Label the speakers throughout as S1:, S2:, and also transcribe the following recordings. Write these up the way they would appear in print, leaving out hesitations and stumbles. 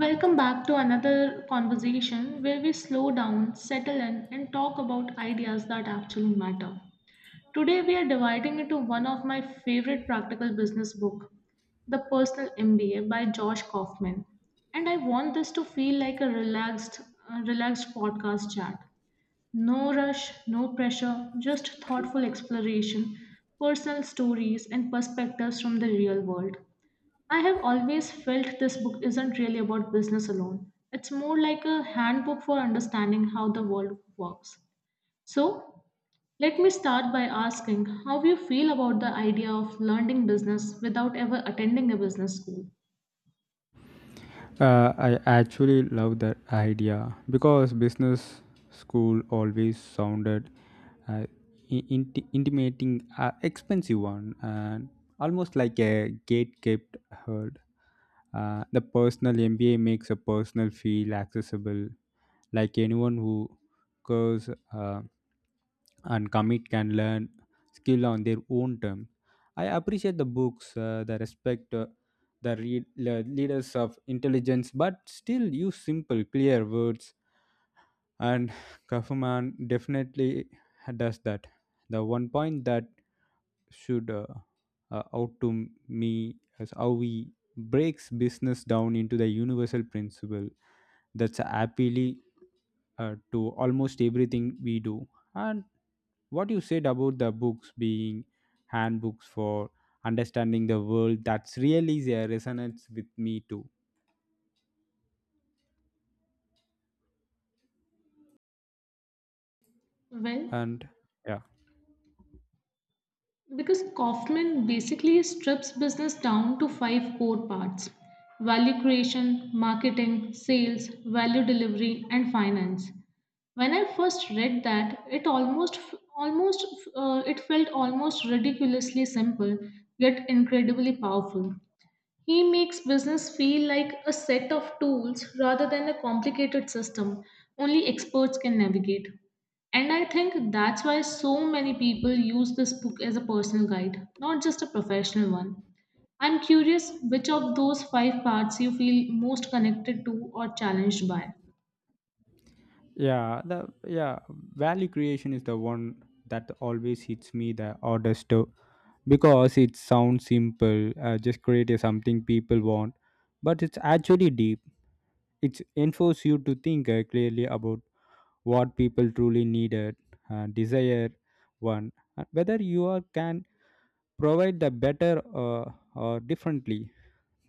S1: Welcome back to another conversation where we slow down, settle in, and talk about ideas that actually matter. Today, we are dividing into one of my favorite practical business book, The Personal MBA by Josh Kaufman. And I want this to feel like a relaxed podcast chat. No rush, no pressure, just thoughtful exploration, personal stories, and perspectives from the real world. I have always felt this book isn't really about business alone. It's more like a handbook for understanding how the world works. So, let me start by asking how you feel about the idea of learning business without ever attending a business school.
S2: I actually love that idea because business school always sounded uh, intimating, expensive one, and almost like a gate kept herd. The personal MBA makes a personal feel accessible, like anyone who goes and commit can learn skill on their own terms. I appreciate the books, the respect leaders of intelligence, but still use simple, clear words. And Kaufman definitely does that. The one point that should out to me is how he breaks business down into the universal principle that's appealing to almost everything we do. And what you said about the books being handbooks for understanding the world that's really there resonates with me too
S1: Well,
S2: and yeah
S1: because Kaufman basically strips business down to five core parts: value creation, marketing, sales, value delivery, and finance. When I first read that, it almost it felt almost ridiculously simple, yet incredibly powerful. He makes business feel like a set of tools rather than a complicated system only experts can navigate. And I think that's why so many people use this book as a personal guide, not just a professional one. I'm curious, which of those five parts you feel most connected to or challenged by?
S2: yeah. Value creation is the one that always hits me the hardest too, because it sounds simple, just create something people want, but it's actually deep. It enforce you to think clearly about what people truly needed, desire one, and whether you are can provide the better, uh, or differently.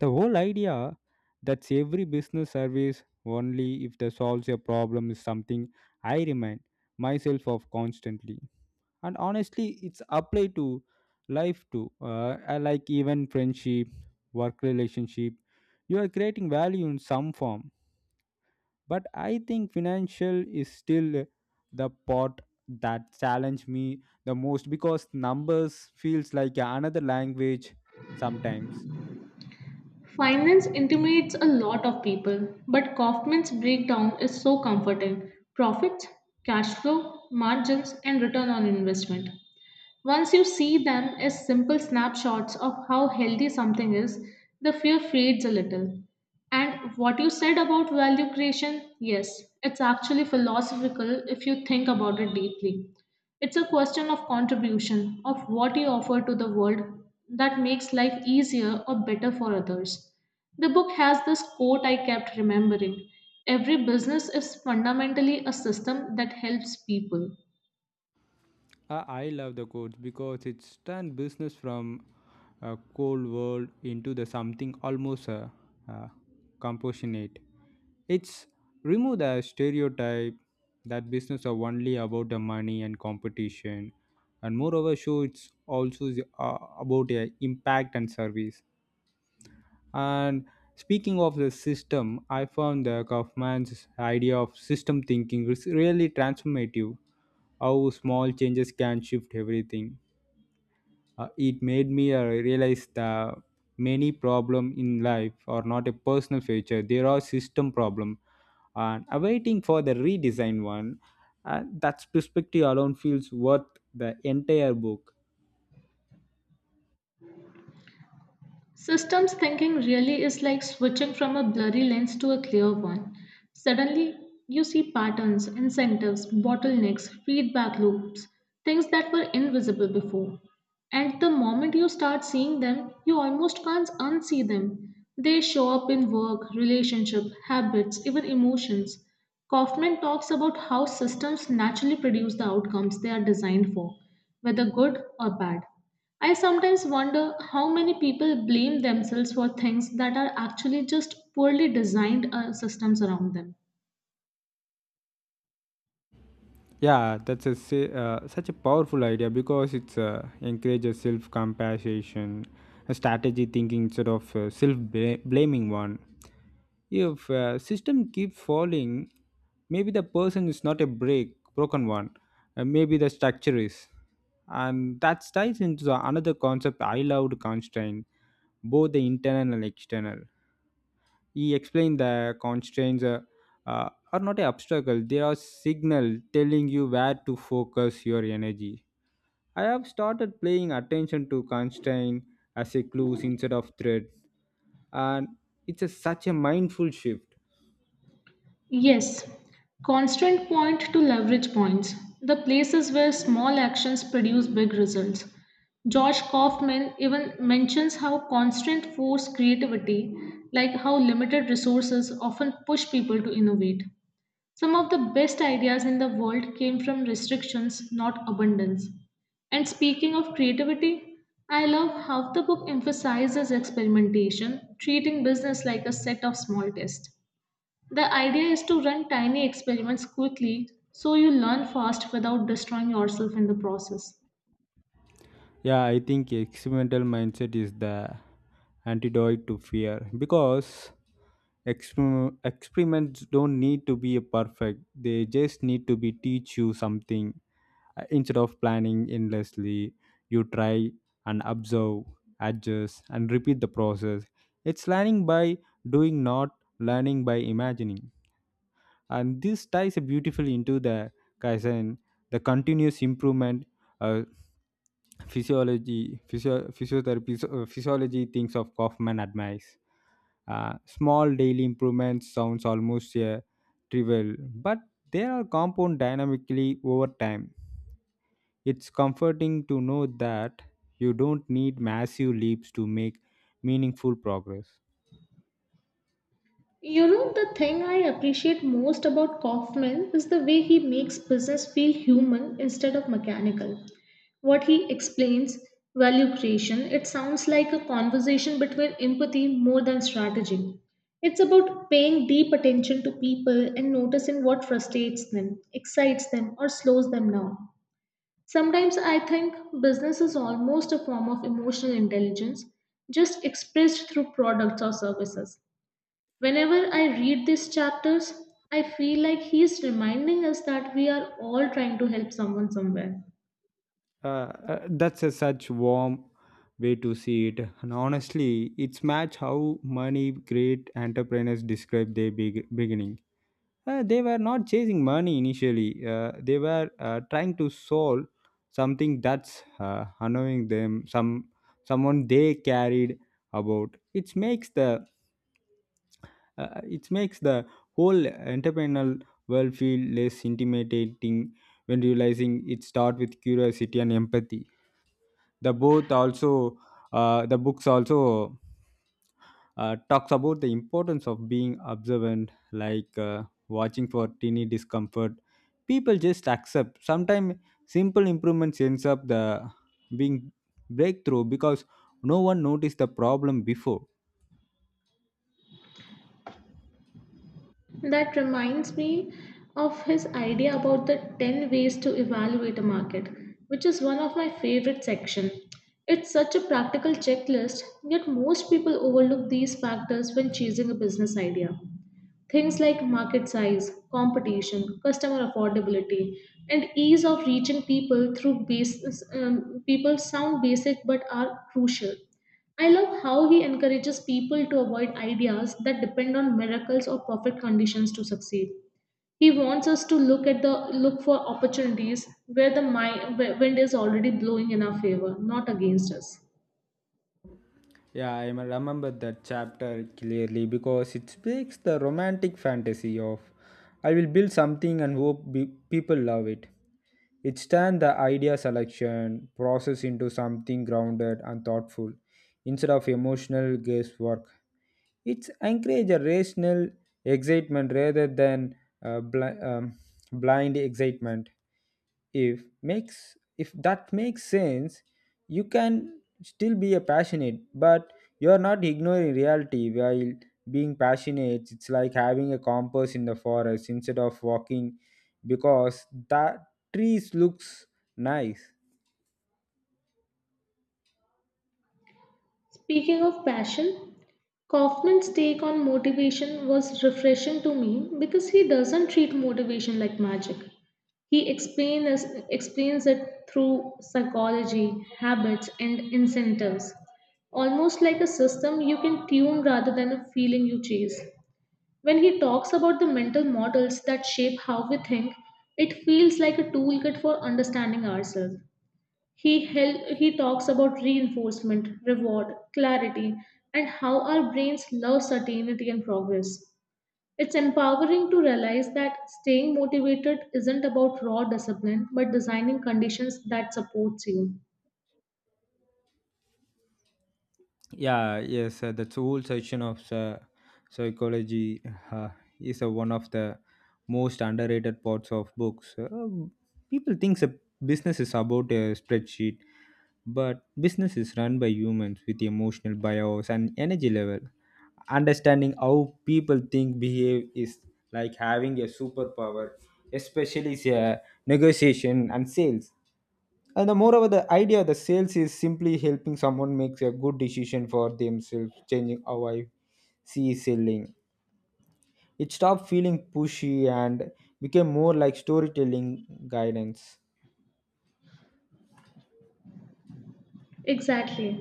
S2: The whole idea that every business service only if they solves a problem is something I remind myself of constantly. And honestly, it's applied to life too. I like even friendship, work relationship. You are creating value in some form, but I think financial is still the part that challenge me the most because numbers feels like another language sometimes.
S1: Finance intimidates a lot of people, but Kaufman's breakdown is so comforting. Profits, cash flow, margins, and return on investment. Once you see them as simple snapshots of how healthy something is, the fear fades a little. And what you said about value creation, yes, it's actually philosophical if you think about it deeply. It's a question of contribution, of what you offer to the world that makes life easier or better for others. The book has this quote I kept remembering: every business is fundamentally a system that helps people.
S2: I love the quotes because it's turned business from a cold world into the something almost uh, compassionate. It's remove the stereotype that business are only about the money and competition, and moreover, show it's also about impact and service. And speaking of the system, I found the Kaufman's idea of system thinking is really transformative. How small changes can shift everything. It made me realize that many problem in life are not a personal feature; they are system problem. And awaiting for the redesign one, that perspective alone feels worth the entire book.
S1: Systems thinking really is like switching from a blurry lens to a clear one. Suddenly, you see patterns, incentives, bottlenecks, feedback loops, things that were invisible before. And the moment you start seeing them, you almost can't unsee them. They show up in work, relationship, habits, even emotions. Kaufman talks about how systems naturally produce the outcomes they are designed for, whether good or bad. I sometimes wonder how many people blame themselves for things that are actually just poorly designed systems around them.
S2: Yeah, that's such a powerful idea because it's encourages self compassion, a strategy thinking instead of self blaming one. If system keep falling, maybe the person is not a break broken one. Maybe the structure is, and that ties into the another concept I loved constraint, both the internal and external. He explained the constraints are not an obstacle, they are signal telling you where to focus your energy. I have started paying attention to constraint as a clues instead of threat, and it's such a mindful shift.
S1: Yes, constant point to leverage points, the places where small actions produce big results. Josh Kaufman even mentions how constant force creativity, like how limited resources often push people to innovate. Some of the best ideas in the world came from restrictions, not abundance. And speaking of creativity, I love how the book emphasizes experimentation, treating business like a set of small tests. The idea is to run tiny experiments quickly so you learn fast without destroying yourself in the process.
S2: Yeah, I think experimental mindset is the antidote to fear because experiments don't need to be perfect. They just need to be teach you something. Instead of planning endlessly, you try and observe, adjust, and repeat the process. It's learning by doing, not learning by imagining, and this ties beautifully into the kaizen, the continuous improvement, uh, physiotherapy so, physiology things of kaufman admires. Small daily improvements sounds almost trivial, but they are compound dynamically over time. It's comforting to know that you don't need massive leaps to make meaningful progress.
S1: You know, the thing I appreciate most about Kaufman is the way he makes business feel human instead of mechanical. What he explains, value creation, it sounds like a conversation between empathy more than strategy. It's about paying deep attention to people and noticing what frustrates them, excites them, or slows them down. Sometimes I think business is almost a form of emotional intelligence, just expressed through products or services. Whenever I read these chapters, I feel like he's reminding us that we are all trying to help someone somewhere.
S2: Uh, uh, that's a such warm way to see it, and honestly it's match how many great entrepreneurs describe their big beginning. They were not chasing money initially, they were trying to solve something that's annoying them, someone they carried about. It makes the whole entrepreneurial world feel less intimidating when realizing it start with curiosity and empathy. the both also the books also talks about the importance of being observant, like watching for teeny discomfort people just accept sometimes. Simple improvements ends up the being breakthrough because no one noticed the problem before.
S1: That reminds me of his idea about the 10 ways to evaluate a market, which is one of my favorite section. It's such a practical checklist, yet most people overlook these factors when choosing a business idea. Things like market size, competition, customer affordability, and ease of reaching people through basis, people sound basic but are crucial. I love how he encourages people to avoid ideas that depend on miracles or perfect conditions to succeed. He wants us to look at the look for opportunities where the where wind is already blowing in our favor, not against us.
S2: Yeah, I remember that chapter clearly because it speaks the romantic fantasy of I will build something and hope people love it. It turns the idea selection process into something grounded and thoughtful instead of emotional guesswork. It encourages a rational excitement rather than uh, bl- um, blind excitement, if that makes sense. You can still be a passionate, but you're not ignoring reality while being passionate. It's like having a compass in the forest instead of walking because the trees looks nice.
S1: Speaking of passion, Kaufman's take on motivation was refreshing to me because he doesn't treat motivation like magic. He explains it through psychology, habits, and incentives, almost like a system you can tune rather than a feeling you chase. When he talks about the mental models that shape how we think, it feels like a toolkit for understanding ourselves. He talks about reinforcement, reward, clarity, and how our brains love certainty and progress. It's empowering to realize that staying motivated isn't about raw discipline, but designing conditions that supports you.
S2: Yeah, the whole section of psychology uh, is one of the most underrated parts of books. People thinks a business is about a spreadsheet. But business is run by humans with emotional bias and energy level. Understanding how people think behave is like having a superpower, especially say, negotiation and sales. And the moreover, the idea of the sales is simply helping someone makes a good decision for themselves, changing how I see selling. It stopped feeling pushy and became more like storytelling guidance.
S1: Exactly.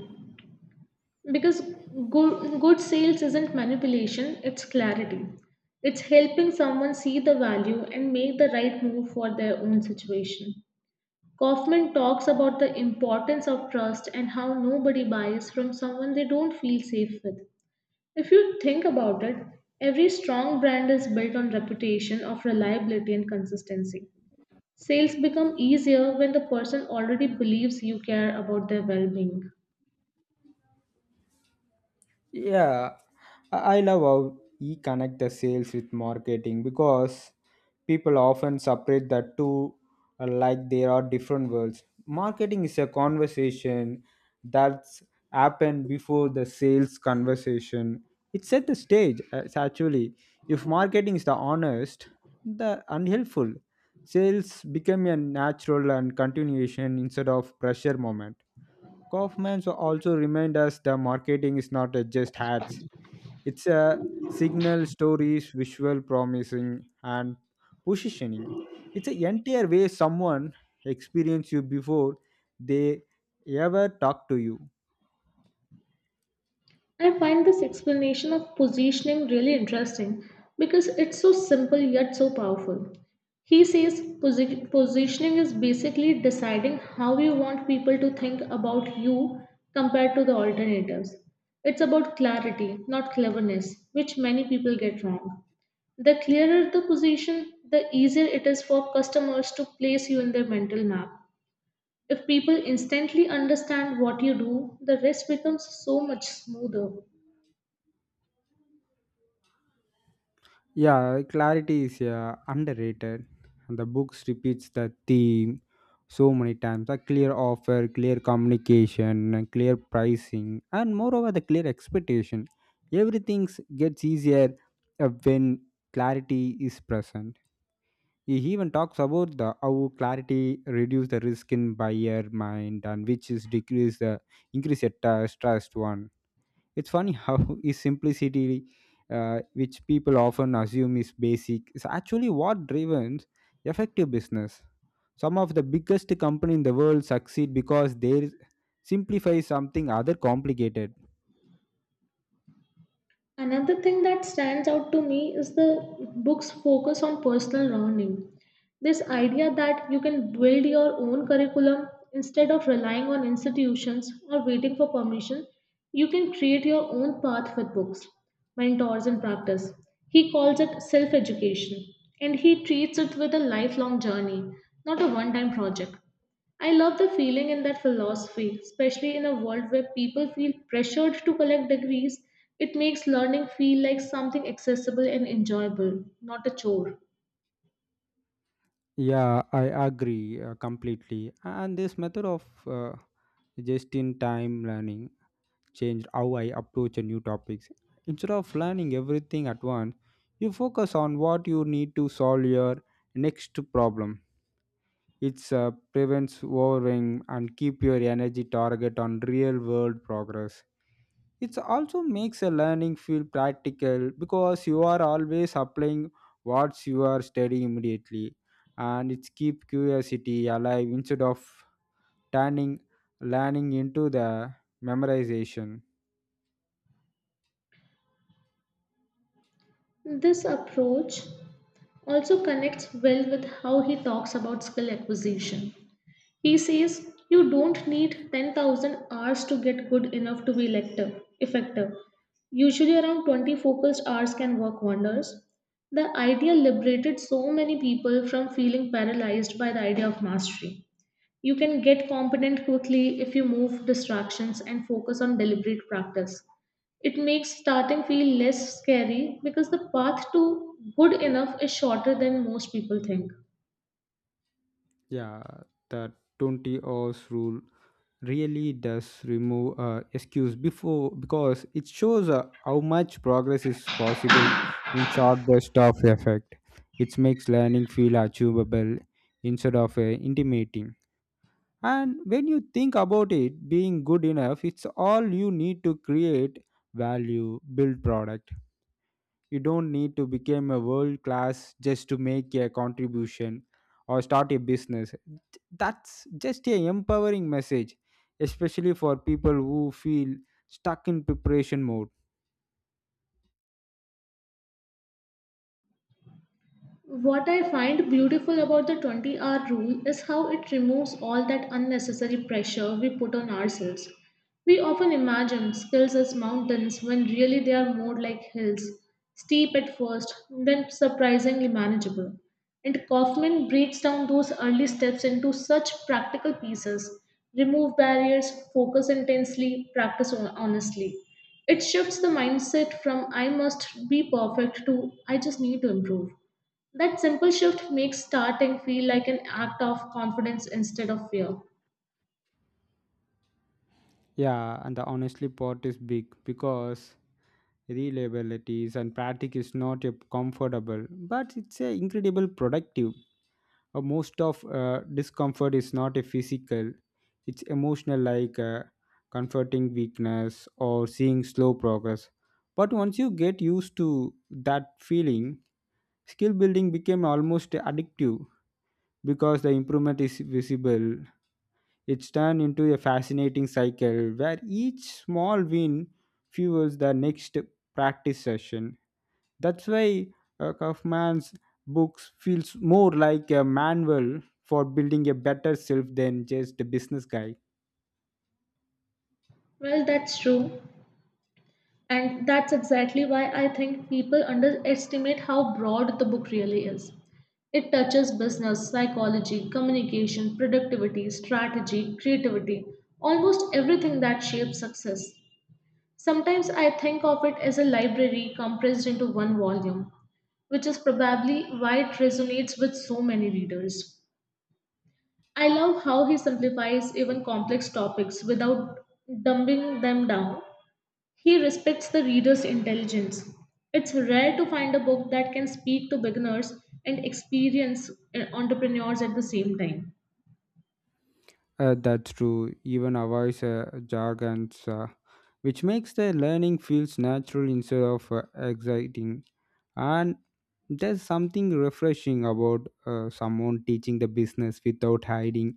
S1: Because good sales isn't manipulation, it's clarity. It's helping someone see the value and make the right move for their own situation. Kaufman talks about the importance of trust and how nobody buys from someone they don't feel safe with. If you think about it, every strong brand is built on reputation of reliability and consistency. Sales become easier when the person already believes you care about their well being.
S2: Yeah, I love how he connect the sales with marketing because people often separate the two, like there are different worlds. Marketing is a conversation that's happened before the sales conversation. It set the stage. It's actually if marketing is the honest, the unhelpful, sales become a natural and continuation instead of pressure moment. Kaufman so also remind us the marketing is not a just ads. It's a signal, stories, visual promising, and positioning. It's an entire way someone experience you before they ever talk to you.
S1: I find this explanation of positioning really interesting because it's so simple yet so powerful. He says positioning is basically deciding how you want people to think about you compared to the alternatives. It's about clarity, not cleverness, which many people get wrong. The clearer the position, the easier it is for customers to place you in their mental map. If people instantly understand what you do, the rest becomes so much smoother.
S2: Yeah, clarity is underrated. And the books repeats the theme so many times. A clear offer, clear communication, and clear pricing, and moreover the clear expectation. Everything gets easier when clarity is present. He even talks about the how clarity reduce the risk in buyer mind, and which is decrease the increase the trust one. It's funny how is simplicity, which people often assume is basic, is actually what drives effective business. Some of the biggest company in the world succeed because they simplify something other complicated.
S1: Another thing that stands out to me is the book's focus on personal learning. This idea that you can build your own curriculum instead of relying on institutions or waiting for permission, you can create your own path with books, mentors, and practice. He calls it self education, and he treats it with a lifelong journey, not a one time project. I love the feeling in that philosophy, especially in a world where people feel pressured to collect degrees. It makes learning feel like something accessible and enjoyable, not a chore.
S2: Yeah, I agree completely. And this method of just in time learning changed how I approach a new topics. Instead of learning everything at once, you focus on what you need to solve your next problem. It prevents overwhelming and keep your energy target on real world progress. It also makes a learning feel practical because you are always applying what you are studying immediately, and it keep curiosity alive instead of turning learning into the memorization.
S1: This approach also connects well with how he talks about skill acquisition. He says you don't need 10,000 hours to get good enough to be effective. Usually, around 20 focused hours can work wonders. The idea liberated so many people from feeling paralyzed by the idea of mastery. You can get competent quickly if you move distractions and focus on deliberate practice. It makes starting feel less scary because the path to good enough is shorter than most people think.
S2: Yeah, the 20 hours rule really does remove excuse before because it shows how much progress is possible in short burst of effect. It makes learning feel achievable instead of intimidating. And when you think about it, being good enough, it's all you need to create value, build products. You don't need to become a world class just to make a contribution or start a business. That's just a empowering message, especially for people who feel stuck in preparation mode.
S1: What I find beautiful about the 20-hour rule is how it removes all that unnecessary pressure we put on ourselves. We often imagine skills as mountains when really they are more like hills, steep at first, then surprisingly manageable. And Kaufman breaks down those early steps into such practical pieces: remove barriers, focus intensely, practice honestly. It shifts the mindset from I must be perfect to I just need to improve. That simple shift makes starting feel like an act of confidence instead of fear.
S2: Yeah, and the honestly part is big because reliability and practice is not a comfortable, but it's a incredible productive. Most of discomfort is not a physical, it's emotional, like comforting weakness or seeing slow progress. But once you get used to that feeling, skill building became almost addictive because the improvement is visible. It's turned into a fascinating cycle where each small win fuels the next practice session. That's why Kaufman's books feels more like a manual for building a better self than just a business guy.
S1: Well, that's true. And that's exactly why I think people underestimate how broad the book really is. It touches business, psychology, communication, productivity, strategy, creativity, almost everything that shapes success. Sometimes I think of it as a library compressed into one volume, which is probably why it resonates with so many readers. I love how he simplifies even complex topics without dumbing them down. He respects the reader's intelligence. It's rare to find a book that can speak to beginners and experienced entrepreneurs at the same time.
S2: That's true. Even avoids jargons, which makes the learning feels natural instead of exciting. And there's something refreshing about someone teaching the business without hiding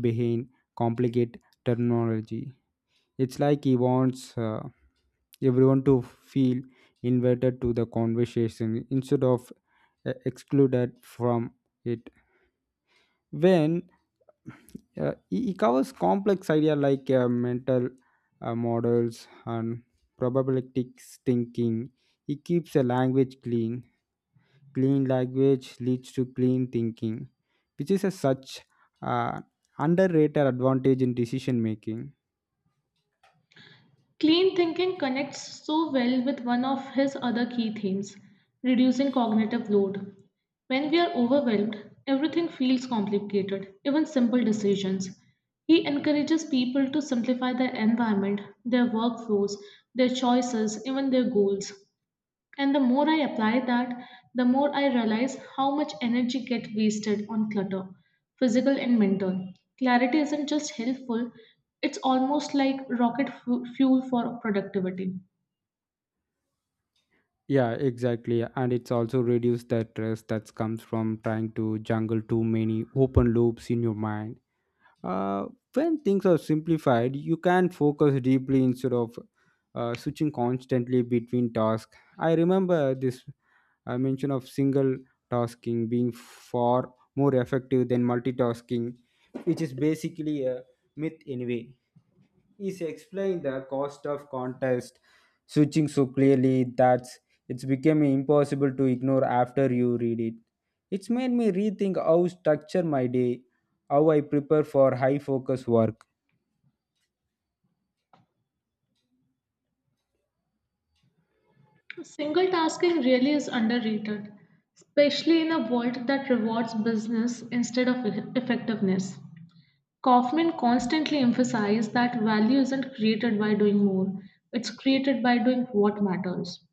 S2: behind complicated terminology. It's like he wants everyone to feel invited to the conversation instead of excluded from it, when it covers complex idea like mental models and probabilistic thinking. It keeps a language clean. Clean language leads to clean thinking, which is a such uh, underrated advantage in decision making.
S1: Clean thinking connects so well with one of his other key themes: reducing cognitive load. When we are overwhelmed, everything feels complicated, even simple decisions. He encourages people to simplify their environment, their workflows, their choices, even their goals. And the more I apply that, the more I realize how much energy gets wasted on clutter, physical and mental. Clarity isn't just helpful, it's almost like rocket fuel for productivity.
S2: Yeah, exactly. And it's also reduce the stress that comes from trying to juggle too many open loops in your mind. Uh, when things are simplified, you can focus deeply instead of switching constantly between tasks. I remember this mention of single tasking being far more effective than multitasking, which is basically a myth anyway. Is explained the cost of contest switching so clearly that it's becoming impossible to ignore after you read it. It's made me rethink how structure my day, how I prepare for high focus work.
S1: Single tasking really is underrated, especially in a world that rewards business instead of effectiveness. Kaufman constantly emphasized that value isn't created by doing more, it's created by doing what matters.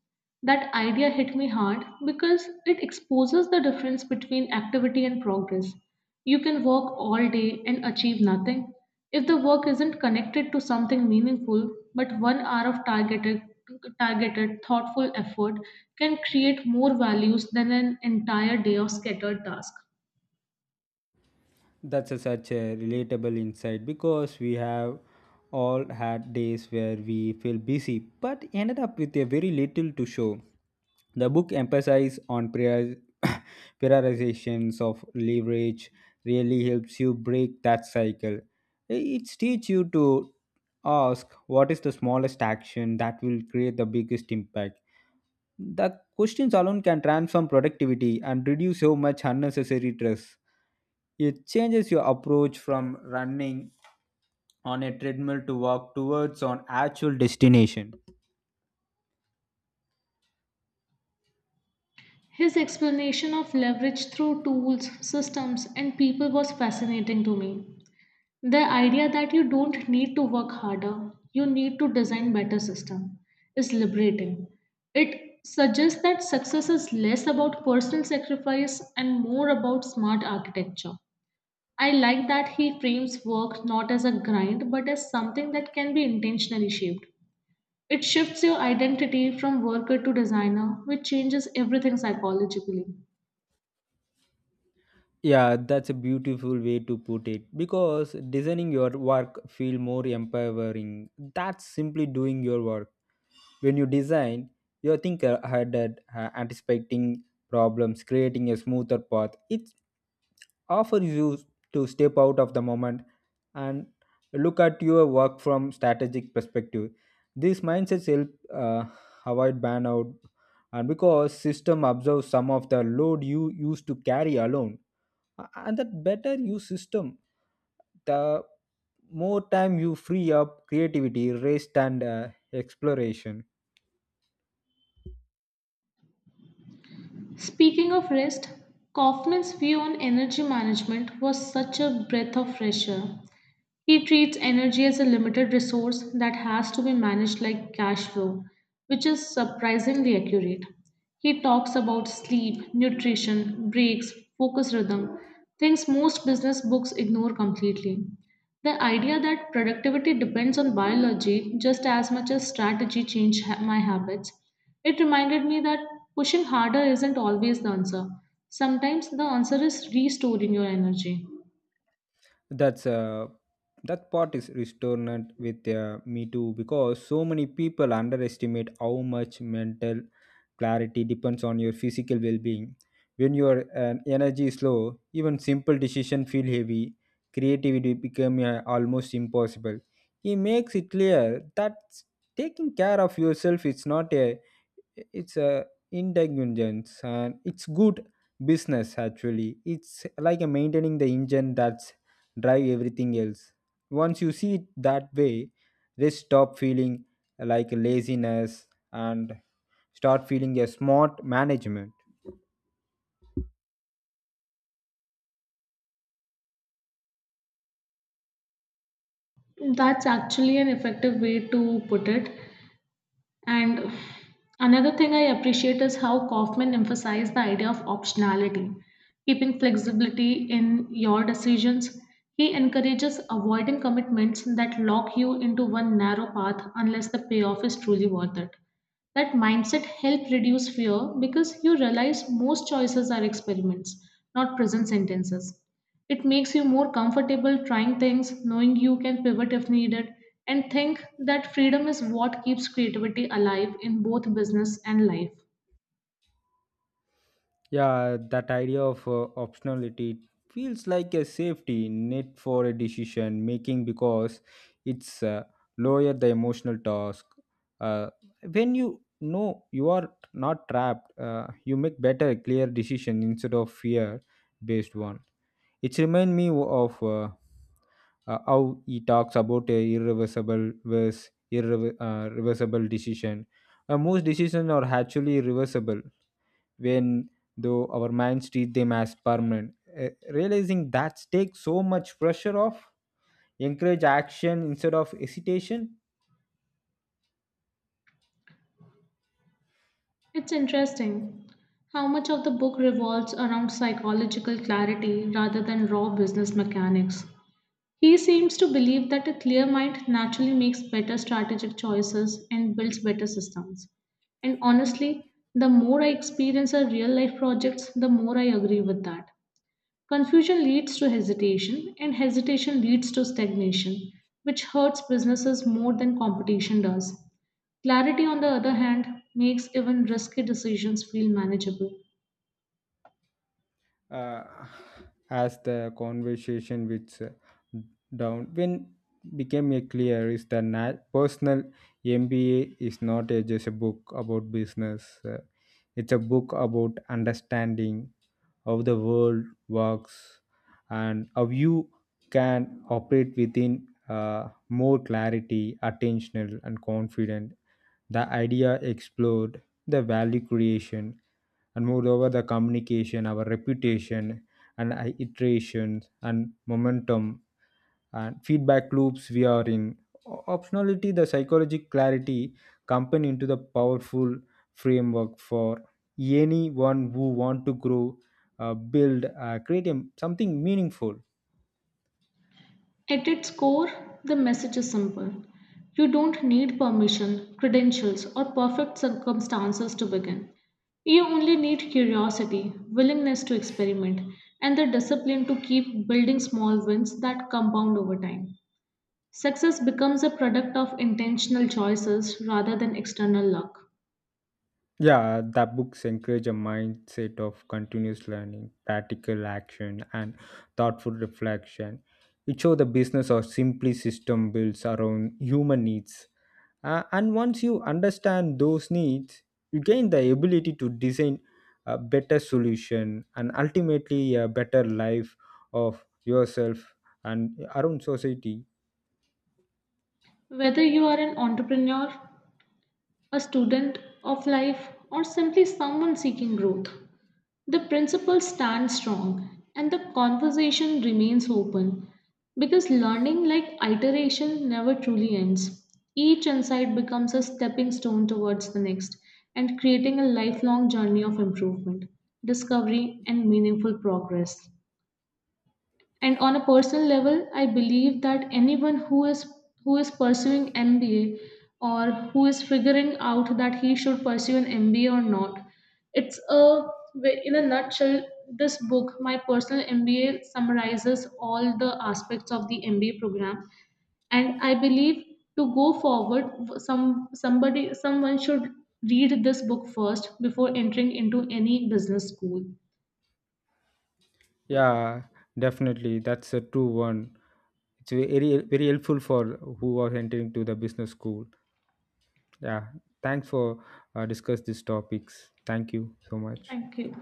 S1: That idea hit me hard because it exposes the difference between activity and progress. You can work all day and achieve nothing. If the work isn't connected to something meaningful, but one hour of targeted, thoughtful effort can create more values than an entire day of scattered tasks.
S2: That's such a relatable insight because we have all had days where we feel busy but ended up with a very little to show. The book emphasizes on prior- prioritizations of leverage really helps you break that cycle. It teaches you to ask what is the smallest action that will create the biggest impact. The questions alone can transform productivity and reduce so much unnecessary stress. It changes your approach from running on a treadmill to walk towards on actual destination.
S1: His explanation of leverage through tools, systems, and people was fascinating to me. The idea that you don't need to work harder, you need to design better system is liberating. It suggests that success is less about personal sacrifice and more about smart architecture. I like that he frames work not as a grind but as something that can be intentionally shaped. It shifts your identity from worker to designer, which changes everything psychologically.
S2: Yeah, that's a beautiful way to put it because designing your work feel more empowering. That's simply doing your work. When you design, you think ahead, and, anticipating problems, creating a smoother path. It offers you to step out of the moment and look at your work from strategic perspective. These mindsets help uh, avoid burnout, and because system absorbs some of the load you used to carry alone, and that better you system, the more time you free up creativity, rest, and exploration.
S1: Speaking of rest, Kaufman's view on energy management was such a breath of fresh air. He treats energy as a limited resource that has to be managed like cash flow, which is surprisingly accurate. He talks about sleep, nutrition, breaks, focus rhythm, things most business books ignore completely. The idea that productivity depends on biology just as much as strategy changed my habits. It reminded me that pushing harder isn't always the answer. Sometimes the answer is restoring your energy.
S2: that's uh, that part is resonant with me too because so many people underestimate how much mental clarity depends on your physical well-being. When your energy is low, even simple decision feel heavy, creativity become almost impossible. He makes it clear that taking care of yourself is not a it's a indulgence, and it's good business. Actually, it's like a maintaining the engine that's drive everything else. Once you see it that way, they stop feeling like laziness and start feeling a smart management.
S1: That's actually an effective way to put it. And another thing I appreciate is how Kaufman emphasized the idea of optionality, keeping flexibility in your decisions. He encourages avoiding commitments that lock you into one narrow path unless the payoff is truly worth it. That mindset helps reduce fear because you realize most choices are experiments, not prison sentences. It makes you more comfortable trying things, knowing you can pivot if needed, and think that freedom is what keeps creativity alive in both business and life.
S2: Yeah, that idea of optionality feels like a safety net for a decision making because it's lower the emotional task. Uh, when you know you are not trapped, you make better, clear decision instead of fear based one. It remind me of how he talks about a irreversible versus irreversible decision. Most decisions are actually reversible when though our minds treat them as permanent. Realizing that takes so much pressure off, encourage action instead of hesitation.
S1: It's interesting how much of the book revolves around psychological clarity rather than raw business mechanics. He seems to believe that a clear mind naturally makes better strategic choices and builds better systems. And honestly, the more I experience our real life projects, the more I agree with that. Confusion leads to hesitation, and hesitation leads to stagnation, which hurts businesses more than competition does. Clarity, on the other hand, makes even risky decisions feel manageable.
S2: Uh, as the conversation with down when became a clear is the personal MBA is not a, just a book about business. It's a book about understanding how the world works and how you can operate within more clarity attentional and confident. The idea explored the value creation, and moreover the communication, our reputation, and iterations and momentum and feedback loops we are in. Optionality, the psychological clarity, combine into the powerful framework for anyone who want to grow, build, create a, something meaningful.
S1: At its core, the message is simple. You don't need permission, credentials, or perfect circumstances to begin. You only need curiosity, willingness to experiment, and the discipline to keep building small wins that compound over time. Success becomes a product of intentional choices rather than external luck.
S2: Yeah, the books encourage a mindset of continuous learning, practical action, and thoughtful reflection. It shows the business or simply system builds around human needs. And once you understand those needs, you gain the ability to design a better solution and ultimately a better life of yourself and around society.
S1: Whether you are an entrepreneur, a student of life, or simply someone seeking growth, the principle stands strong and the conversation remains open because learning, like iteration, never truly ends. Each insight becomes a stepping stone towards the next and creating a lifelong journey of improvement, discovery, and meaningful progress. And on a personal level, I believe that anyone who is pursuing MBA or who is figuring out that he should pursue an MBA or not, it's a well, in a nutshell, this book, my personal MBA, summarizes all the aspects of the MBA program. And I believe, to go forward, someone should read this book first before entering into any business school.
S2: Yeah, definitely. That's a true one. It's very very helpful for who are entering to the business school. Yeah, thanks for discuss these topics. Thank you so much.
S1: Thank you.